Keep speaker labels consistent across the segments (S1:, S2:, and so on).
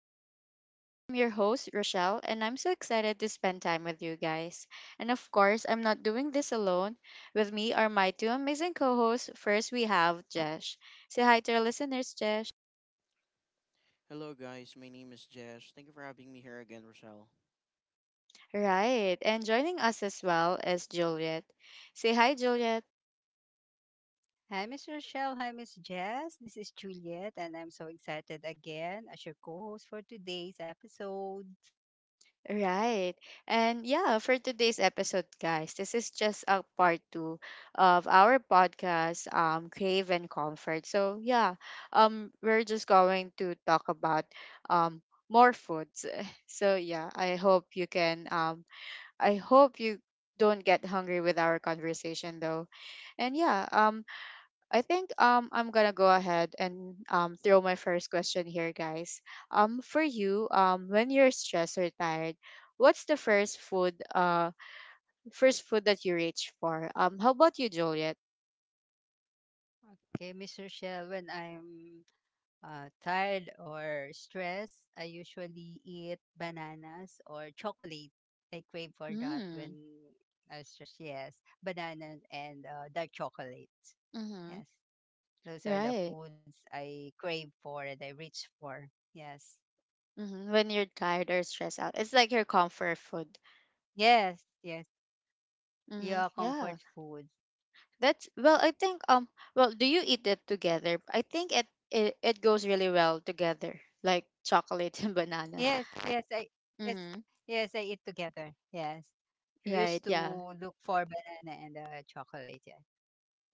S1: talks. I'm your host, Rochelle, and I'm so excited to spend time with you guys. And of course, I'm not doing this alone. With me are my two amazing co hosts. First, we have Jesh. Say hi to our listeners, Jesh.
S2: Hello, guys. My name is Jesh. Thank you for having me here again, Rochelle.
S1: Right, and joining us as well is Juliet. Say hi, Juliet.
S3: Hi, Miss Rochelle. Hi, Miss Jess. This is Juliet, and I'm so excited again as your co host for today's episode.
S1: Right. And yeah, for today's episode, guys, this is just a part two of our podcast, Crave and Comfort. So yeah, we're just going to talk about um more foods. So yeah, I hope you can I hope you don't get hungry with our conversation though. And yeah, I think I'm gonna go ahead and throw my first question here, guys. For you, when you're stressed or tired, what's the first food that you reach for? How about you, Juliet?
S3: Okay, Miss Rochelle, when I'm tired or stressed, I usually eat bananas or chocolate. I crave for that when
S1: Hmm.
S3: I'm stressed. Yes, bananas and dark chocolate.
S1: Mm-hmm.
S3: Yes, those are the
S1: Right.
S3: foods I crave for and I reach for. Yes,
S1: Mm-hmm. When you're tired or stressed out, it's like your comfort food.
S3: yes, yes.
S1: Mm-hmm.
S3: Your
S1: Yeah.
S3: comfort food.
S1: That's well. I think. Well, do you eat it together? I think it goes really well together, like chocolate and banana.
S3: Yes, yes, I yes,
S1: Mm-hmm.
S3: yes, I eat together. Yes, we
S1: Right.
S3: used to
S1: Yeah.
S3: look for banana and chocolate. Yeah,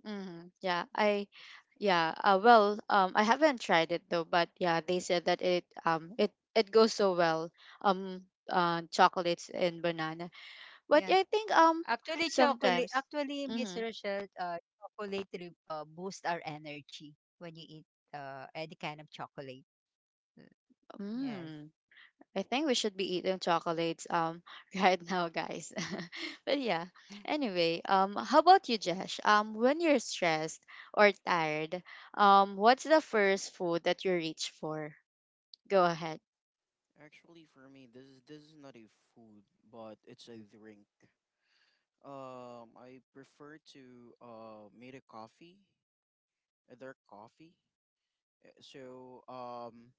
S1: Mm, yeah, I,
S3: yes,
S1: yeah, well, I haven't tried it though, but yeah, they said that it goes so well, um, chocolates and banana. But I
S3: yeah.
S1: think,
S3: Actually,
S1: sometimes, mm-hmm,
S3: Miss Rochelle, chocolate boost our energy when you eat any kind of chocolate. Yes.
S1: mm, I think we should be eating chocolates, right now, guys. But yeah, anyway, how about you, Jesh? When you're stressed or tired, what's the first food that you reach for? Go ahead.
S2: Actually, for me, this is not a food, but it's a drink. I prefer to made a coffee, a dark coffee. So um,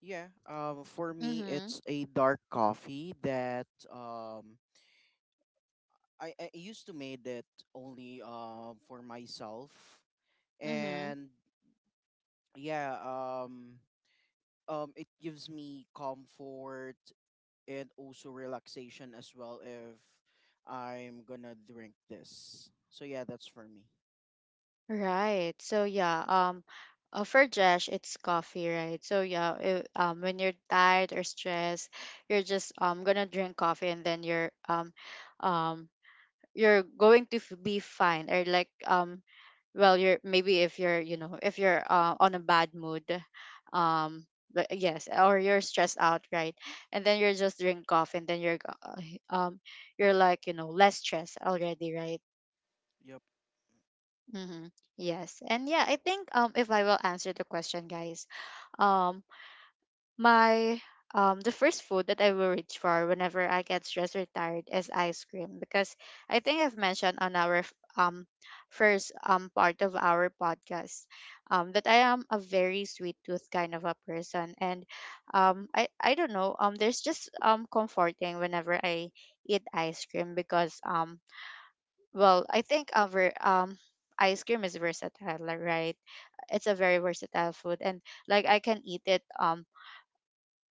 S2: yeah. For me,
S1: Mm-hmm.
S2: it's a dark coffee that I used to made it only for myself,
S1: Mm-hmm.
S2: and yeah um it gives me comfort and also relaxation as well if I'm gonna drink this. So yeah, that's for me.
S1: Right. So yeah, for Josh it's coffee, right? So yeah, when you're tired or stressed, you're just gonna drink coffee and then um you're going to be fine or like well you're maybe if you're you know if you're on a bad mood um but yes or you're stressed out right and then you're just drink coffee and then you're you're like you know less stressed already right.
S2: Yep.
S1: Mm-hmm. Yes. And yeah, I think if I will answer the question, guys, um my the first food that I will reach for whenever I get stressed or tired is ice cream because I think I've mentioned on our um first part of our podcast that I am a very sweet tooth kind of a person and um, I don't know there's just comforting whenever I eat ice cream because well, I think our ice cream is versatile, like, right? It's a very versatile food and like I can eat it um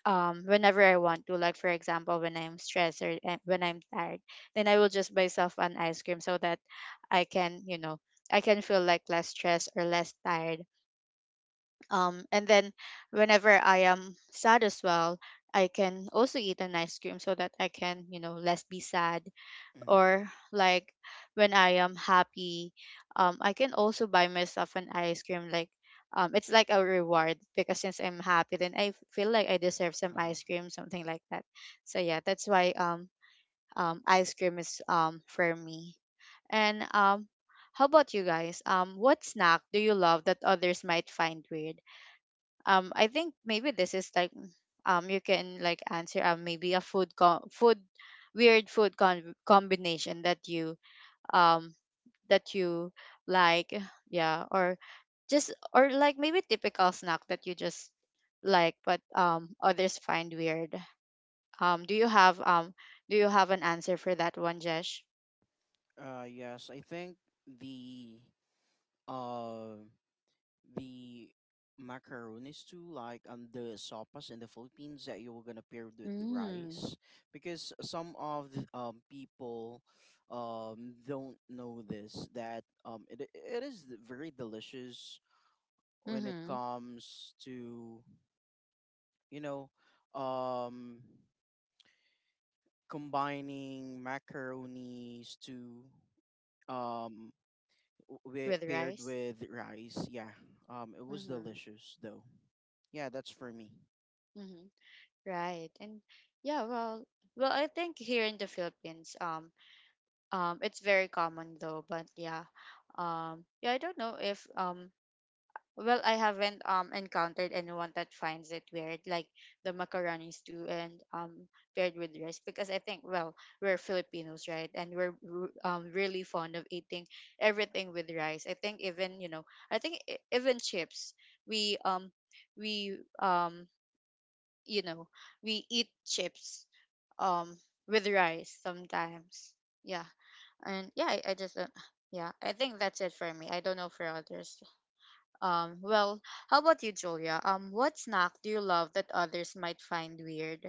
S1: um whenever I want to. Like for example, when I'm stressed or when I'm tired, then I will just myself an ice cream so that I can, you know, I can feel like less stressed or less tired. And then whenever I am sad as well, I can also eat an ice cream so that I can, you know, less be sad
S2: Mm-hmm.
S1: or like when I am happy, I can also buy myself an ice cream. Like, it's like a reward because since I'm happy, then I feel like I deserve some
S2: Uh-huh.
S1: ice cream, something like that. So yeah, that's why ice cream is for me. And how about you guys? What snack do you love that others might find weird? I think maybe this is like you can like answer maybe a food weird combination that you um that you like, yeah, or just or like maybe typical snack that you just like but others find weird. Do you have do you have an answer for that one, Jesh?
S2: Yes, I think the uh the macaronis too, like the sopas in the Philippines that you were gonna pair with the
S1: Mm.
S2: rice, because some of the people don't know this that it is very delicious when it
S1: Mm-hmm.
S2: comes to you know, um, combining macaronis to um, with,
S1: With
S2: paired
S1: rice.
S2: with rice. Yeah, it was
S1: Mm-hmm.
S2: delicious though. Yeah, that's for me.
S1: Mm-hmm. Right. And yeah, well, well, I think here in the Philippines, it's very common though, but yeah. Yeah, I don't know if well, I haven't encountered anyone that finds it weird, like the macaronis too, and paired with rice, because I think well, we're Filipinos, right? And we're really fond of eating everything with rice. I think even you know, I think even chips, we um we you know we eat chips um with rice sometimes, yeah. And I just yeah I think that's it for me. I don't know for others. Well, how about you, Julia? What snack do you love that others might find weird?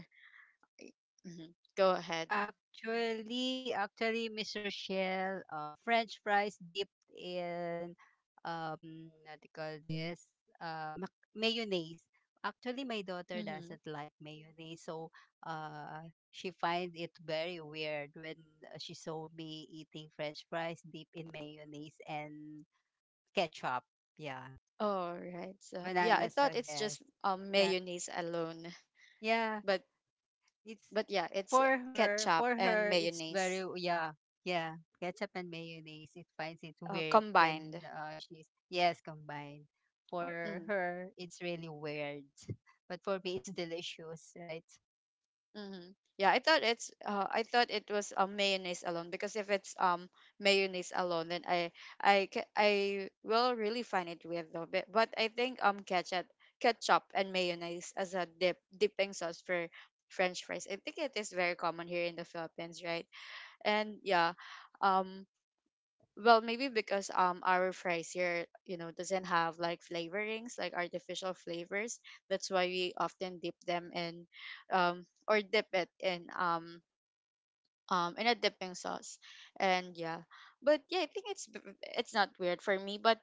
S1: Hmm. Go ahead.
S3: Actually, Miss Rochelle, French fries dipped in what do you call this? Mayonnaise. Actually, my daughter
S1: Mm-hmm.
S3: doesn't like mayonnaise, so uh, she finds it very weird when she saw me eating French fries dipped in mayonnaise and ketchup. Yeah,
S1: All right, so yeah, I
S3: banana
S1: thought
S3: sauce.
S1: it's just
S3: Yes. Yeah,
S1: mayonnaise alone
S3: yeah.
S1: but
S3: It's
S1: but yeah it's
S3: for her.
S1: ketchup
S3: For
S1: and
S3: her, it's very
S1: mayonnaise,
S3: oh, yeah, yeah. Ketchup and mayonnaise. It finds it weird when
S1: combined.
S3: she's yes combined.
S1: Oh,
S3: For
S1: mm.
S3: her, it's really weird, but for me, it's delicious, right?
S1: Mm-hmm. Yeah, I thought it was a mayonnaise alone because if it's mayonnaise alone, then I will really find it weird though. But I think um, ketchup and mayonnaise as a dipping sauce for French fries. I think it is very common here in the Philippines, right? And yeah, um. Well, maybe because our fries here, you know, doesn't have like flavorings, like artificial flavors. That's why we often dip them in, or dip it in a dipping sauce, and yeah. But yeah, I think it's not weird for me. But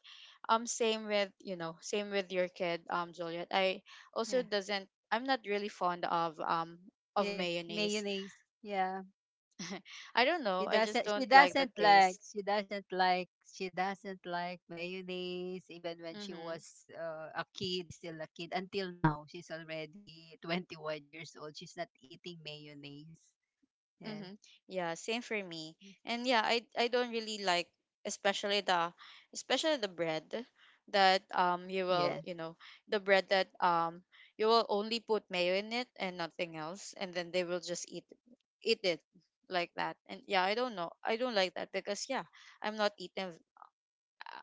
S1: same with you know, same with your kid, Juliet. I also
S3: Yeah.
S1: doesn't. I'm not really fond of
S3: Yes,
S1: mayonnaise.
S3: mayonnaise. Yeah.
S1: I don't know. I just don't like the taste.
S3: She doesn't like mayonnaise. Even when she
S1: Mm-hmm.
S3: was a kid, until now, she's already 21 years old. She's not eating mayonnaise. Yes.
S1: Mm-hmm. Yeah, same for me. And yeah, I don't really like, especially the, especially the bread that you will,
S3: Yes.
S1: you know, the bread that you will only put mayo in it and nothing else and then they will just eat it like that. And yeah, I don't know. I don't like that because yeah, I'm not eating,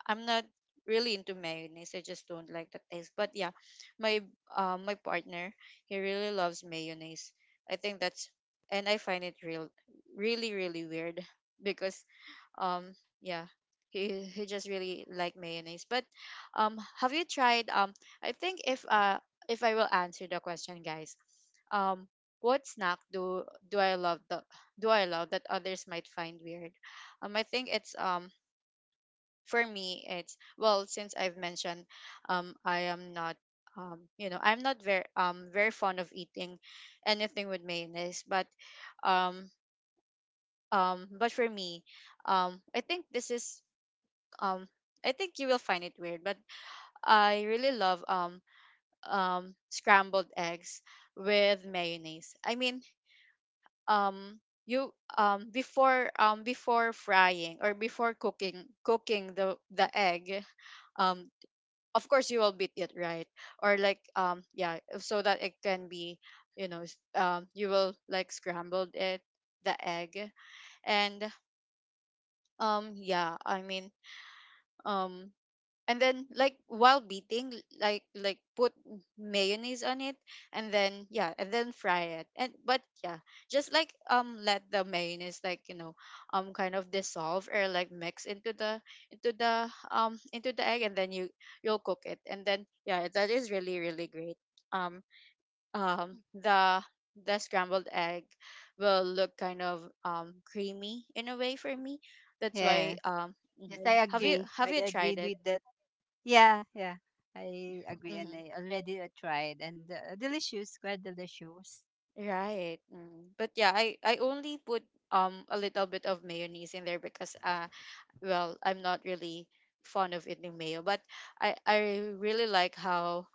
S1: I'm not really into mayonnaise. I just don't like the taste. But yeah, my, uh, my partner, he really loves mayonnaise. I think that's, and I find it really really weird because um yeah, he just really like mayonnaise. But have you tried I think if I will answer the question guys, um what snack do I love the do I love that others might find weird? I think it's for me it's, well, since I've mentioned I am not you know I'm not very very fond of eating anything with mayonnaise um but for me I think this is um I think you will find it weird but I really love scrambled eggs with mayonnaise, I mean, um you before before frying or before cooking the egg, um of course you will beat it, right? Or like yeah, so that it can be, you know, you will like scrambled it, the egg, and yeah, I mean, um and then like while beating, like put mayonnaise on it, and then yeah and then fry it, and but yeah, just like let the mayonnaise like you know kind of dissolve or like mix into the, into the into the egg, and then you, you'll cook it and then yeah that is really really great. um um the the scrambled egg will look kind of creamy in a way for me, that's why
S3: Yes.
S1: um. Mhm.
S3: Yes, I
S1: Have you
S3: agree.
S1: have
S3: I
S1: you tried
S3: agreed
S1: it?
S3: with that. Yeah, yeah. I agree and
S1: Mm-hmm.
S3: I already tried and delicious, quite delicious.
S1: Right. Mm. But yeah, I only put a little bit of mayonnaise in there because well, I'm not really fond of eating mayo, but I really like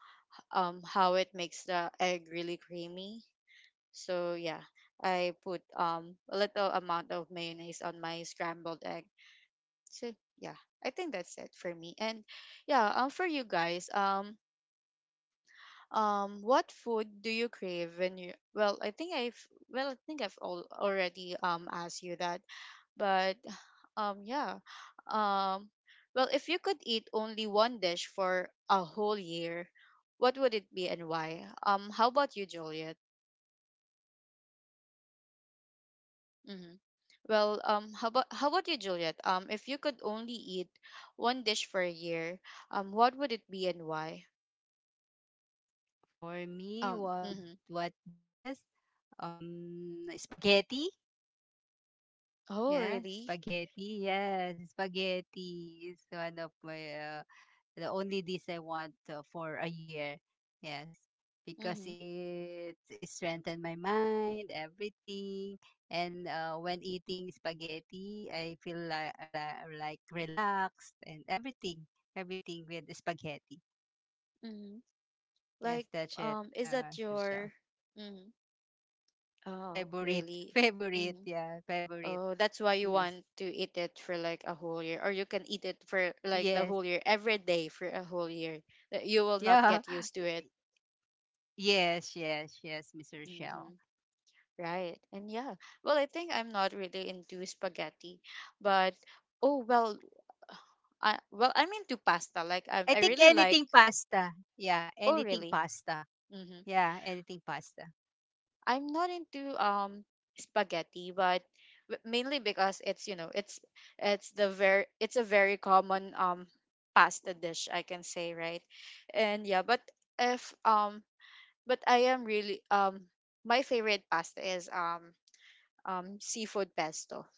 S1: how it makes the egg really creamy. So yeah, I put a little amount of mayonnaise on my scrambled egg. So yeah, I think that's it for me. And yeah, for you guys, what food do you crave when you? Well, I think I've, well, I think I've all already asked you that, but yeah, um, well, if you could eat only one dish for a whole year, what would it be and why? How about you, Juliet? Mm-hmm. Well, how about you, Juliet? If you could only eat one dish for a year, what would it be and why?
S3: For me,
S1: Mm-hmm.
S3: what this? Spaghetti.
S1: Oh,
S3: Yeah,
S1: really?
S3: spaghetti. Yes, spaghetti is one of my the only this I want for a year. Yes, because
S1: Mm-hmm.
S3: it strengthened my mind, everything. And when eating spaghetti, I feel like relaxed and everything, everything with the spaghetti.
S1: Mm-hmm.
S3: Yes,
S1: Like,
S3: that's it,
S1: is that your?
S3: Rochelle.
S1: Hmm. Oh,
S3: Favorite,
S1: really?
S3: favorite,
S1: Hmm.
S3: yeah, favorite.
S1: Oh, that's why you
S3: Yes,
S1: want to eat it for like a whole year, or you can eat it for like the
S3: yes,
S1: whole year, every day for a whole year. That you will not
S3: yeah,
S1: get used to it.
S3: yes, yes, yes, Mr. Rochelle.
S1: Hmm. Right. And yeah, well, I think I'm not really into spaghetti, but oh well, I, well, I'm into pasta. Like I,
S3: I
S1: I
S3: think
S1: really like.
S3: anything pasta. Yeah,
S1: Oh,
S3: anything
S1: really?
S3: pasta.
S1: Hmm.
S3: Yeah, anything pasta.
S1: I'm not into spaghetti, but mainly because it's you know it's the very it's a very common pasta dish I can say, right, and yeah, but if but I am really my favorite pasta is seafood pesto.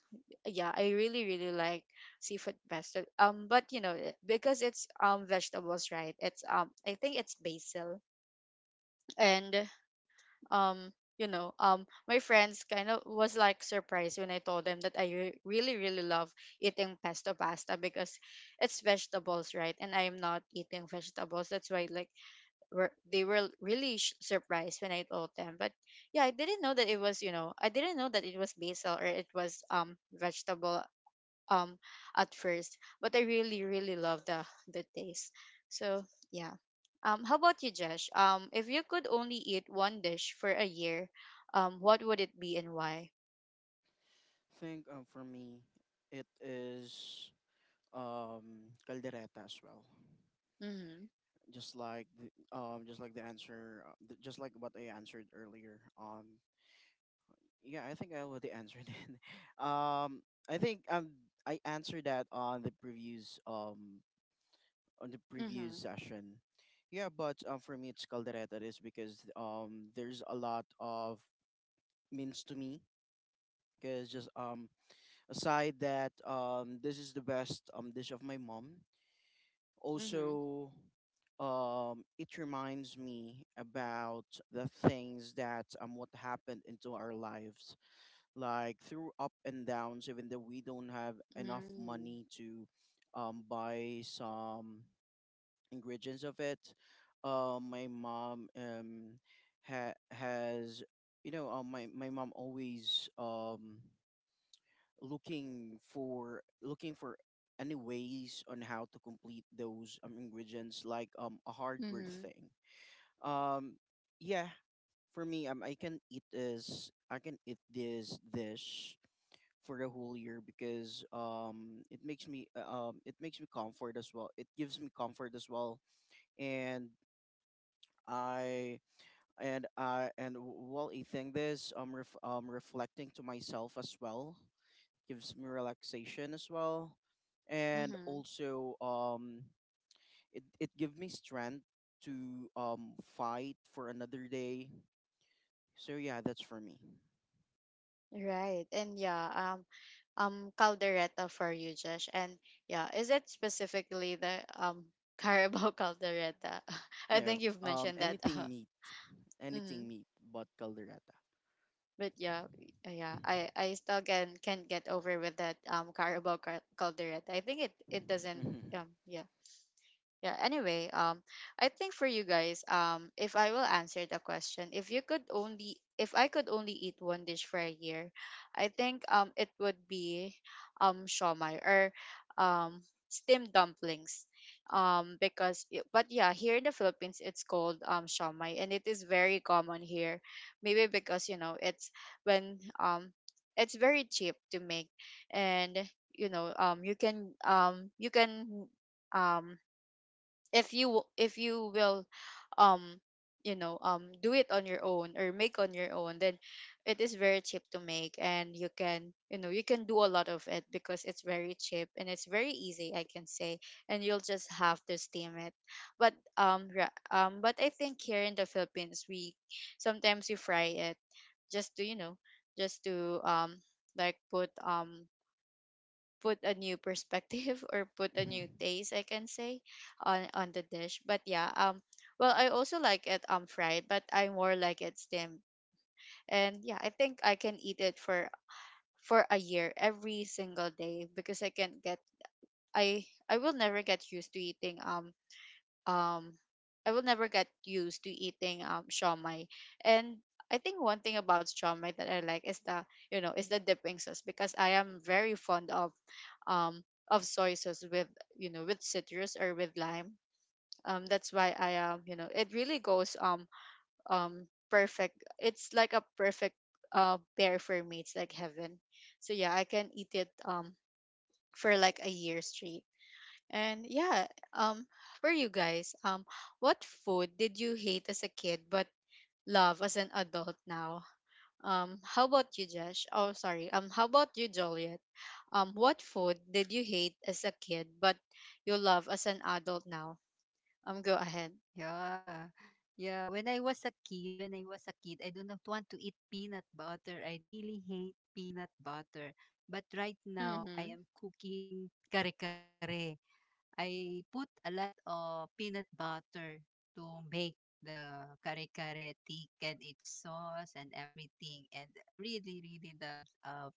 S1: Yeah, I really really like seafood pesto. But you know because it's vegetables, right, it's I think it's basil and um you know my friends kind of was like surprised when I told them that I really really love eating pesto pasta because it's vegetables, right, and I am not eating vegetables, that's why, like, they were really surprised when I told them. But yeah, I didn't know that it was, I didn't know that it was basil or it was vegetable um at first, but I really really love the taste. So yeah. How about you, Josh? If you could only eat one dish for a year, what would it be and why?
S2: Think for me, it is caldereta as well.
S1: Mhm.
S2: Just like the, just like what I answered earlier. Yeah, I think I already answered it. Um, I think um I answered that on the previous
S1: Mhm.
S2: session. Yeah, but for me it's caldereta is because there's a lot of means to me because just aside that this is the best dish of my mom.
S1: Mhm.
S2: Also, it reminds me about the things that what happened into our lives like through up and downs even though we don't have enough
S1: Mm.
S2: money to buy some ingredients of it uh, my mom um, has you know my mom always looking for any ways on how to complete those ingredients like a hardware
S1: Mhm.
S2: thing um, yeah for me I can eat this dish for the whole year because it makes me comfort as well. It gives me comfort as well, and I I and while eating this, reflecting to myself as well gives me relaxation as well, and
S1: Mhm.
S2: also it gives me strength to fight for another day. So yeah, that's for me.
S1: Right. And yeah, caldereta for you, Josh. And yeah, is it specifically the Carabao caldereta? I think
S2: No,
S1: you've mentioned that. Uh,
S2: anything meat, but caldereta.
S1: but yeah, yeah,
S2: Mhm.
S1: I still can't get over with that Carabao Calderette. I think it it doesn't
S2: Mhm.
S1: yeah. Yeah, anyway, I think for you guys, if I will answer the question, if you could only, if I could only eat one dish for a year, I think it would be shawmai or um steamed dumplings, but yeah, here in the Philippines it's called shawmai and it is very common here, maybe because you know it's when it's very cheap to make, and you can um if if you will um you know do it on your own or make on your own, then it is very cheap to make and you can, you know, you can do a lot of it because it's very cheap and it's very easy, I can say, and you'll just have to steam it. But but I think here in the Philippines we sometimes we fry it, just to, you know, just to like put put a new perspective or put a
S2: Mhm.
S1: new taste, I can say, on the dish. But yeah, well, I also like it fried, but I more like it steamed, and yeah, I think I can eat it for a year every single day because I can get, I will never get used to eating um I will never get used to eating shawmai. And I think one thing about shawmai that I like is the, you know, is the dipping sauce because I am very fond um of soy sauce with, you know, with citrus or with lime. That's why I, you know, it really goes perfect. It's like a perfect pair for me. It's like heaven. So yeah, I can eat it for like a year straight. And yeah, um, for you guys, what food did you hate as a kid but love as an adult now? How about you, Josh? Oh, sorry. How about you, Joliet? What food did you hate as a kid but you love as an adult now? Go ahead.
S3: Yeah. Yeah, when I was a kid, when I was a kid, I do not want to eat peanut butter. I really hate peanut butter. But right now, I
S1: Mm-hmm.
S3: am cooking kare-kare. I put a lot of peanut butter to make the kare-kare thick and its sauce and everything. And I really, really love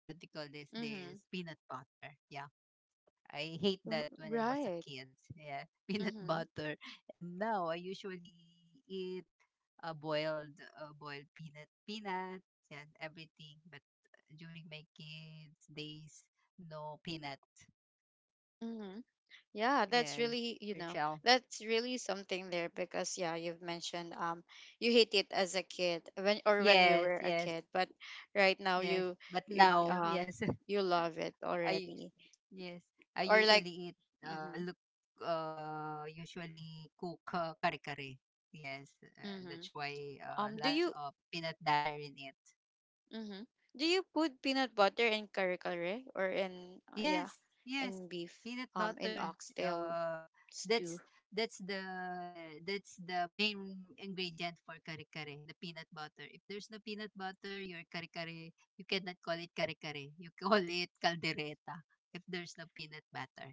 S3: what do you call this?
S1: Mm-hmm.
S3: This peanut butter. Yeah. I hate that when I was a
S1: Right.
S3: kid. Yeah, peanut
S1: Mm-hmm.
S3: butter. And now I usually eat a boiled peanut and everything. But during my kids' days, no peanut.
S1: Yeah, that's
S3: Yes,
S1: really, you know,
S3: Rochelle.
S1: that's really something there, because yeah, you've mentioned you hate it as a kid, when, or when you
S3: Yes,
S1: were a
S3: yes,
S1: kid, but right now
S3: yes.
S1: you,
S3: But
S1: you
S3: now,
S1: um
S3: yes.
S1: you love it
S3: I
S1: already.
S3: yes, I
S1: Or like,
S3: usually eat
S1: mhm,
S3: look usually cook kare kare. Yes,
S1: mhm,
S3: that's why
S1: do
S3: lots
S1: you
S3: of peanut butter in it.
S1: mhm, do you put peanut butter in kare kare, or in, yeah,
S3: Yes, yes,
S1: in beef
S3: peanut
S1: in
S3: butter.
S1: oxtail
S3: Uh,
S1: stew?
S3: that's that's the that's the main ingredient for kare kare, the peanut butter. If there's no peanut butter, your kare kare you cannot call it kare kare. You call it caldereta if there's no peanut butter.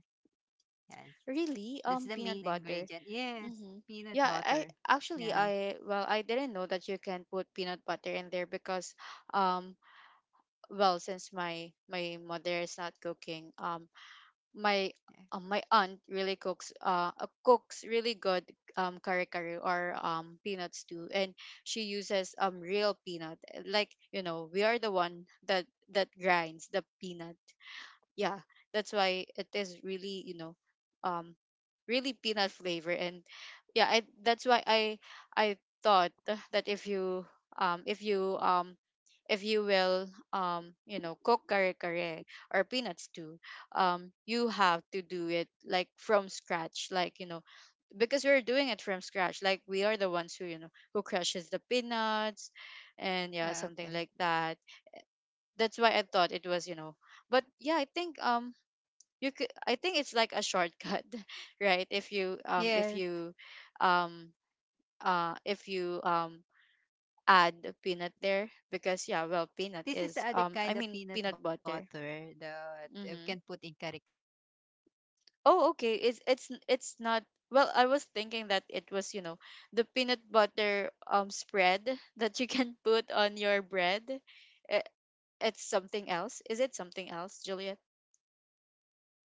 S3: Yes.
S1: Really?
S3: That's the main
S1: Peanut butter.
S3: ingredient. Yes,
S1: Mm-hmm.
S3: peanut
S1: Yeah,
S3: butter.
S1: I actually,
S3: Yeah,
S1: I well, I didn't know that you can put peanut butter in there because um well, since my mother is not cooking my
S3: yeah.
S1: my aunt really cooks cooks really good kare kare or peanuts too, and she uses real peanut, like, you know, we are the one that that grinds the peanut. Yeah, that's why it is really, you know, um really peanut flavor. And yeah, that's why I thought that if you um if you um if you will you know cook kare kare or peanuts too, you have to do it like from scratch, like, you know, because we're doing it from scratch, like, we are the ones who, you know, who crushes the peanuts, and yeah,
S3: Ah, okay.
S1: something like that. That's why I thought it was, you know. But yeah, I think you could, I think it's like a shortcut right, if you
S3: Yes.
S1: um if you add a peanut there, because yeah, well,
S3: This is the
S1: peanut
S3: other
S1: is
S3: kind of
S1: I
S3: peanut
S1: mean peanut
S3: butter
S1: butter.
S3: that you can put in
S1: Mm-hmm.
S3: kare-kare. This is not the sweet one. There are
S1: Oh,
S3: peanut
S1: okay, it's it's
S3: butter that
S1: it's
S3: is
S1: not,
S3: sweet
S1: well, I was
S3: and
S1: thinking that it
S3: there are
S1: was, you know,
S3: peanut
S1: the peanut
S3: butter
S1: butter
S3: that is
S1: spread
S3: not
S1: that you can put
S3: that
S1: on
S3: is
S1: your
S3: good for
S1: bread.
S3: kare-kare.
S1: I- it's something else, is it something else, Juliet?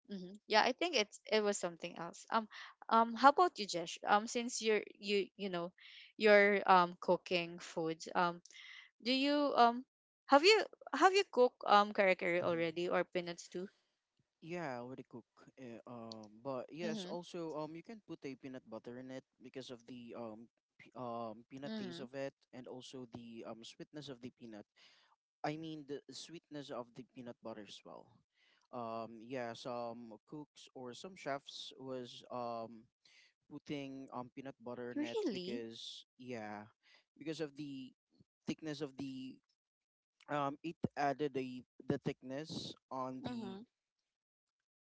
S1: Hmm. Yeah, I think it's, it was something else. How about you, Jesh? Since you're, you know, you're cooking food. Do you have you, have you cooked kare kare
S2: Mhm.
S1: already or peanuts too?
S2: Yeah, already cook. But yes,
S1: Mm-hmm.
S2: also you can put a peanut butter in it because of the peanut taste
S1: Mm-hmm.
S2: of it, and also the sweetness of the peanut. I mean the sweetness of the peanut butter as well. Yeah, some cooks or some chefs was putting peanut butter in it
S1: Really?
S2: because yeah, because of the thickness of the it added the thickness on the
S1: Mm-hmm.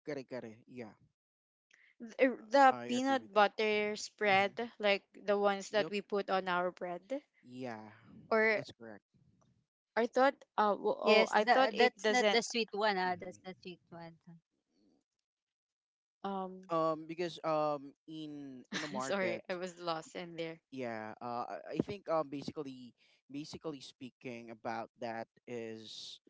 S2: kare kare. Yeah.
S1: The
S2: I agree with
S1: peanut
S2: that.
S1: butter
S2: Hmm.
S1: spread, like the ones that
S2: Yep.
S1: we put on our bread,
S2: Yeah,
S1: or
S2: that's correct.
S1: I thought
S3: Yes, the,
S1: oh, I thought
S3: that's
S1: it
S3: not the
S1: doesn't
S3: sweet one, ah. That's the
S2: Hmm.
S3: sweet one.
S1: um
S2: Because in a
S1: sorry,
S2: market,
S1: I was lost in there.
S2: y- yeah, uh, I I think um, basically, basically speaking about that is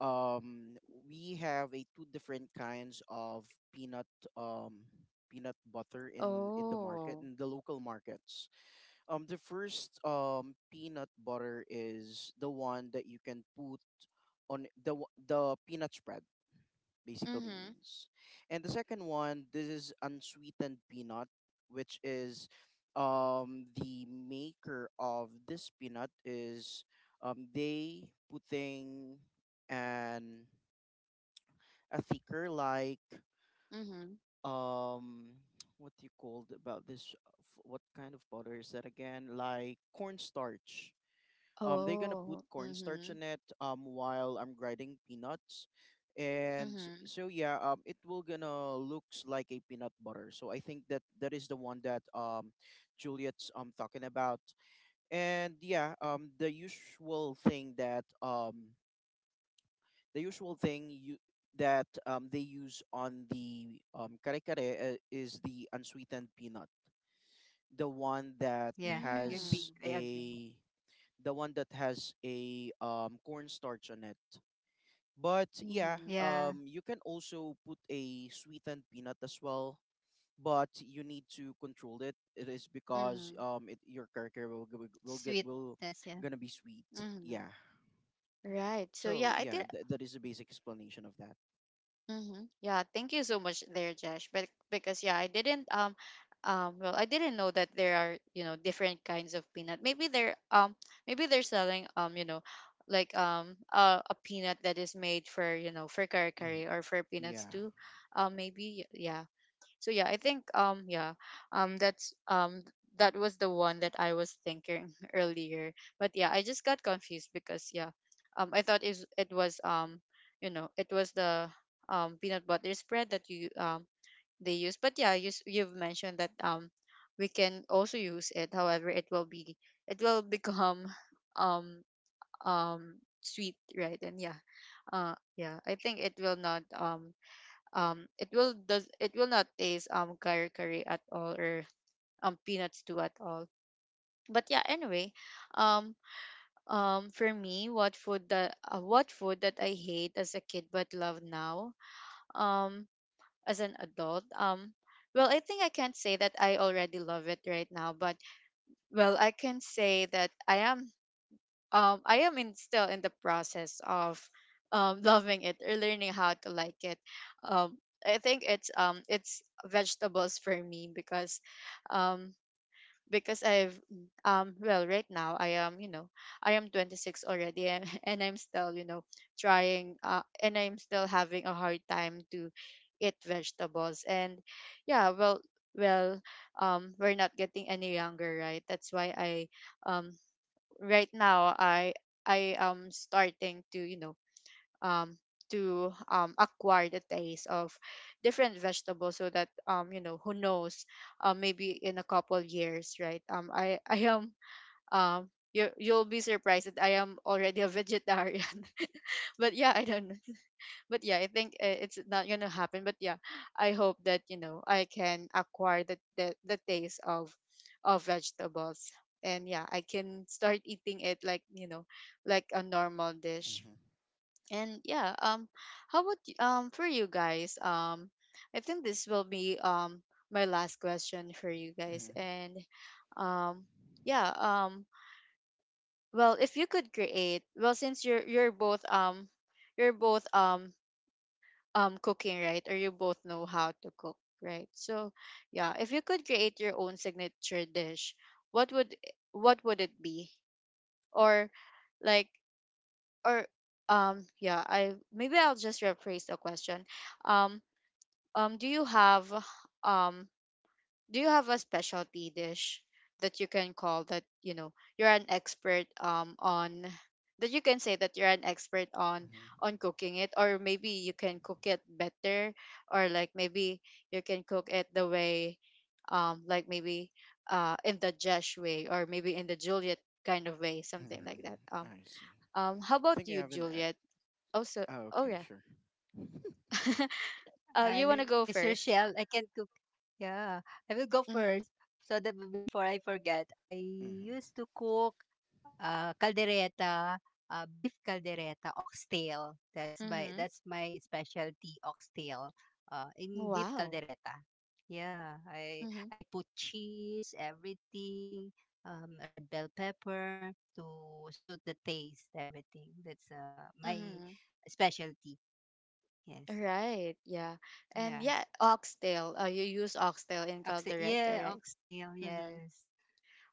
S2: um, we have a two different kinds of peanut um peanut butter in the market
S1: Oh.
S2: in the local markets. The first peanut butter is the one that you can put on the the peanut spread basically
S1: Mhm,
S2: means, and the second one this is unsweetened peanut, which is the maker of this peanut is they putting an a thicker like
S1: mhm.
S2: um what do you call it about this what kind of butter is that again like cornstarch. They're gonna put
S1: Oh.
S2: cornstarch in
S1: Mhm,
S2: it while I'm grinding peanuts, and s-
S1: mhm.
S2: so yeah, it will gonna looks like a peanut butter. So I think that that is the one that Juliet's talking about, and yeah, the usual thing you that they use on the kare kare is the unsweetened peanut the one that
S3: Yeah, I agree.
S2: has
S3: I
S1: Mm.
S3: agree.
S2: a the one that has a cornstarch on it. But yeah,
S1: Mhm,
S3: Yeah.
S2: you can also put a sweetened peanut as well. But you need to control it. It is because
S1: mhm,
S2: your character will g- will get will
S3: Sweetness, yeah.
S2: gonna be sweet.
S1: mhm.
S2: Yeah.
S1: Right. So
S2: So
S1: yeah, I
S2: yeah,
S1: did.
S2: that is the basic explanation of that.
S1: Mhm. Yeah, thank you so much there, Josh. But because yeah, I didn't well, I didn't know that there are, you know, different kinds of peanut. Maybe they're selling, you know, like a peanut that is made for, you know, for curry
S2: Mhm.
S1: curry or for peanuts
S2: Yeah.
S1: too. Um, maybe yeah. So yeah, I think yeah, um that's um that was the one that I was thinking earlier. But yeah, I just got confused because yeah, I thought is, it was you know, it was the peanut butter spread that you they use. But yeah, you, you've mentioned that we can also use it, however it will be, it will become um sweet, right? And yeah, yeah, I think it will not it will does, it will not taste curry curry at all or peanuts too at all. But yeah, anyway, um for me, what food that, what food that I hate as a kid but love now, um as an adult, well, I think I can't say that I already love it right now, but well, I can say that I am, I am in still in the process of loving it or learning how to like it. Um, I think it's vegetables for me, um because I've well, right now I am, you know, I am 26 already, and and I'm still, you know, trying, and I'm still having a hard time to eat vegetables. And yeah, well we're not getting any younger, right? That's why I um right now I am starting to, you know, um to acquire the taste of different vegetables, so that, um, you know, who knows, maybe in a couple years, right, I am you, you'll be surprised that I am already a vegetarian. But yeah, I don't, but yeah, I think, it's not gonna happen, but yeah, I hope that, you know, I can acquire the taste of vegetables, and yeah, I can start eating it, like, you know, like a normal dish.
S2: Mm-hmm.
S1: And yeah, um, how about um, for you guys, um, I think this will be my last question for you guys.
S2: Mm-hmm.
S1: And um yeah, well, if you could create, well, since you're, you're both cooking, right, or you both know how to cook, right, so yeah, if you could create your own signature dish, what would what would it be, or, like, or, um, yeah, I maybe I'll just rephrase the question. Um, um, um do you have a specialty dish that you can call, that you know, you're an expert on, that you can say that you're an expert on
S2: Mm-hmm.
S1: on cooking it, or maybe you can cook it better, or like, maybe you can cook it the way, like, maybe in the Jesh way, or maybe in the Juliet kind of way, something like
S2: Mm-hmm.
S1: that.
S2: I see.
S1: How about
S2: I think I
S1: you,
S2: have an.
S1: Juliet, also?
S2: Oh,
S1: Oh,
S2: okay,
S1: yeah.
S2: sure.
S1: You want
S3: Miss
S1: to go
S3: Rochelle, I
S1: first?
S3: can cook. Yeah, I will go first
S1: Mhm.
S3: so that before I forget, I used
S2: Mm-hmm.
S3: to cook caldereta, beef caldereta, oxtail. That's my
S1: Mhm.
S3: that's my specialty, oxtail. In beef
S1: Wow.
S3: caldereta. Yeah, I
S1: Mhm.
S3: I put cheese, everything, red bell pepper to suit the taste, everything. That's my
S1: Mhm.
S3: specialty. Yes.
S1: Right. Yeah. And
S3: Yeah.
S1: yeah, oxtail. You use oxtail in
S3: Oxtail.
S1: caldereta,
S3: Yeah,
S1: right?
S3: oxtail.
S1: Mm-hmm.
S3: Yes.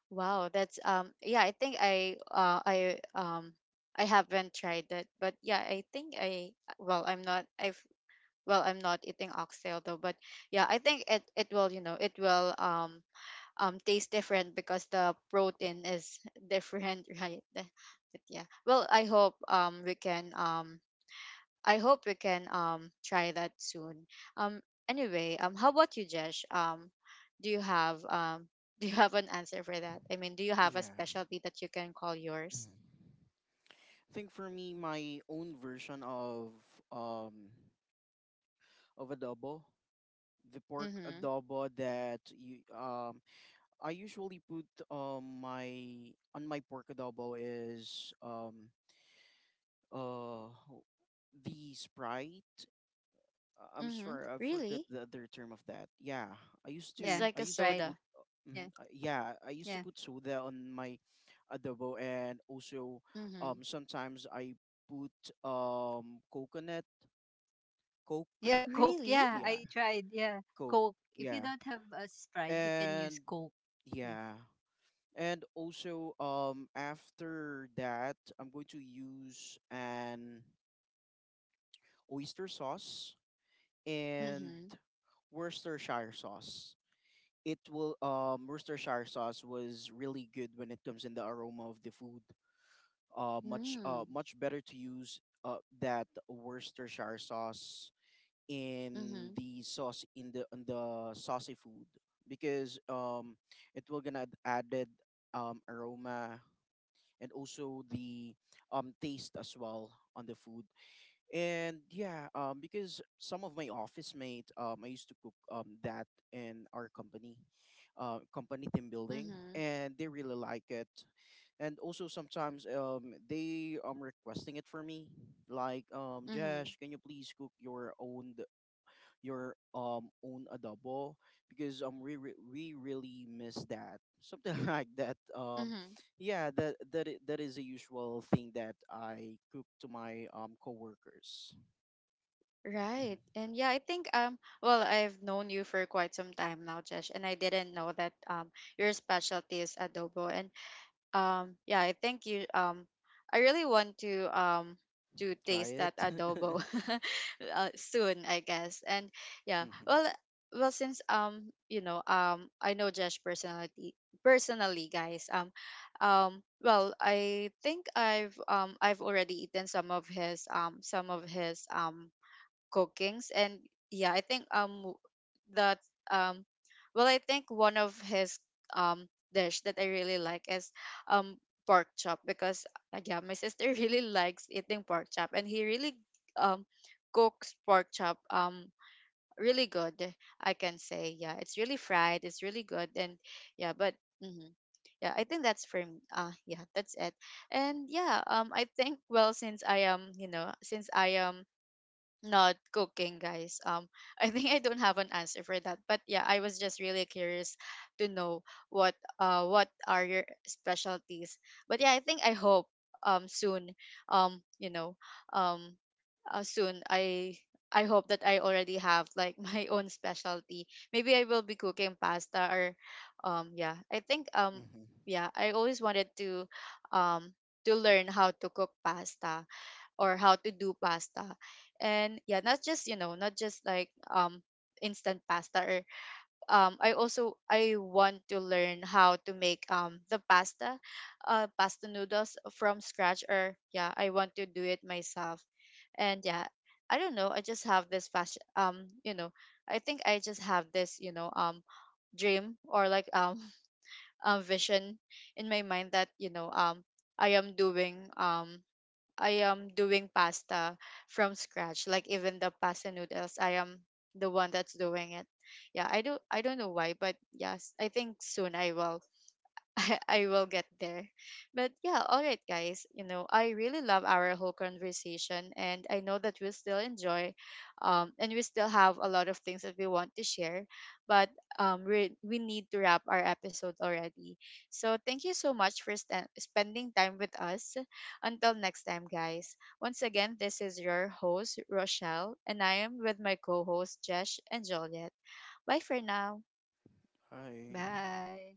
S1: Wow. That's. Yeah, I think I haven't tried that, but yeah, I think I, well I'm not I've well, I'm not eating oxtail though. But yeah, I think it will, it will taste different because the protein is different, right? But yeah. Well, I hope we can, I hope we can try that soon. Um anyway, how about you, Jesh? Do you have do you have an answer for that? I mean, do you have a
S2: Yeah.
S1: specialty that you can call yours?
S2: Mm-hmm. I think for me, my own version um of adobo, the pork
S1: Mhm.
S2: adobo that you I usually put my on my pork adobo is uh the Sprite. I'm
S1: Mhm.
S2: sorry, I forgot
S1: Really?
S2: the other term of that. Yeah,
S1: It's
S3: Yeah,
S2: I
S1: like a
S2: used to
S3: Sprite.
S2: put
S1: soda.
S3: Yeah,
S2: yeah I used to
S3: yeah.
S2: put soda on my adobo and also
S1: Mhm.
S2: sometimes I put coconut Coke.
S3: Yeah, Coke.
S1: Really?
S3: Yeah,
S2: Yeah,
S3: I tried. Yeah,
S2: Coke.
S3: Coke. If you
S2: Yeah.
S3: don't have a Sprite, you can use
S2: And
S3: Coke. Yes.
S2: yeah. And also after that I'm going to use an oyster sauce and
S1: Mhm.
S2: Worcestershire sauce. It will Worcestershire sauce was really good when it comes in the aroma of the food.
S1: Mm.
S2: Much better to use that Worcestershire
S1: Mhm.
S2: sauce in the on the saucy food because it will gonna added aroma and also the taste as well on the food and yeah because some of my office mate I used to cook that in our company company team building
S1: Mhm.
S2: and they really like it and also sometimes they requesting it for me like
S1: Mhm.
S2: Josh can you please cook your own adobo because we really miss that something like that
S1: Mhm.
S2: yeah that is a usual thing that I cook to my coworkers. Hmm.
S1: Right. And yeah, I think, well, I've known you for quite some time now, Jesh, and I didn't know that your specialty is adobo. And yeah, I think you, I really want to
S2: Try
S1: taste that
S2: it.
S1: adobo soon, I guess. And yeah,
S2: Hmm.
S1: well since, you know, I know Josh personality, personally, guys. Well, I think I've already eaten some of his, some of his cookings. And yeah, I think that, um well, I think one of his um dish that I really like is um pork chop because yeah, my sister really likes eating pork chop, and he really um cooks pork chop really good, I can say. Yeah, it's really fried, it's really good. And yeah, but mhm. Yeah, I think that's for me. Yeah, that's it. And yeah, I think, well, since I am not cooking, guys. I think I don't have an answer for that, but yeah, I was just really curious to know what, what are your specialties. But yeah, I think I hope soon, um you know um soon I hope that I already have, like, my own specialty. Maybe I will be cooking pasta, or um yeah i think um
S2: Hmm.
S1: yeah, I always wanted um to learn how to cook pasta or how to do pasta. And yeah, not just, you know, not just like instant pasta or I also, I want to learn how to make the pasta, pasta noodles from scratch. Or yeah, I want to do it myself. And yeah, I don't know, I just have this fashion, you know, I think I just have this, you know, dream, or like, vision in my mind that, you know, i am doing um I am doing pasta from scratch. Like even the pasta noodles, I am the one that's doing it. Yeah, I don't know why, but yes, I think soon I will, I will get there. But yeah, all right, guys. You know, I really love our whole conversation, and I know that we'll still enjoy, and we still have a lot of things that we want to share. But we, need to wrap our episode already. So thank you so much for spending time with us. Until next time, guys. Once again, this is your host Rochelle, and I am with my co-host Jesh and Joliet. Bye for now.
S2: Hi.
S3: Bye.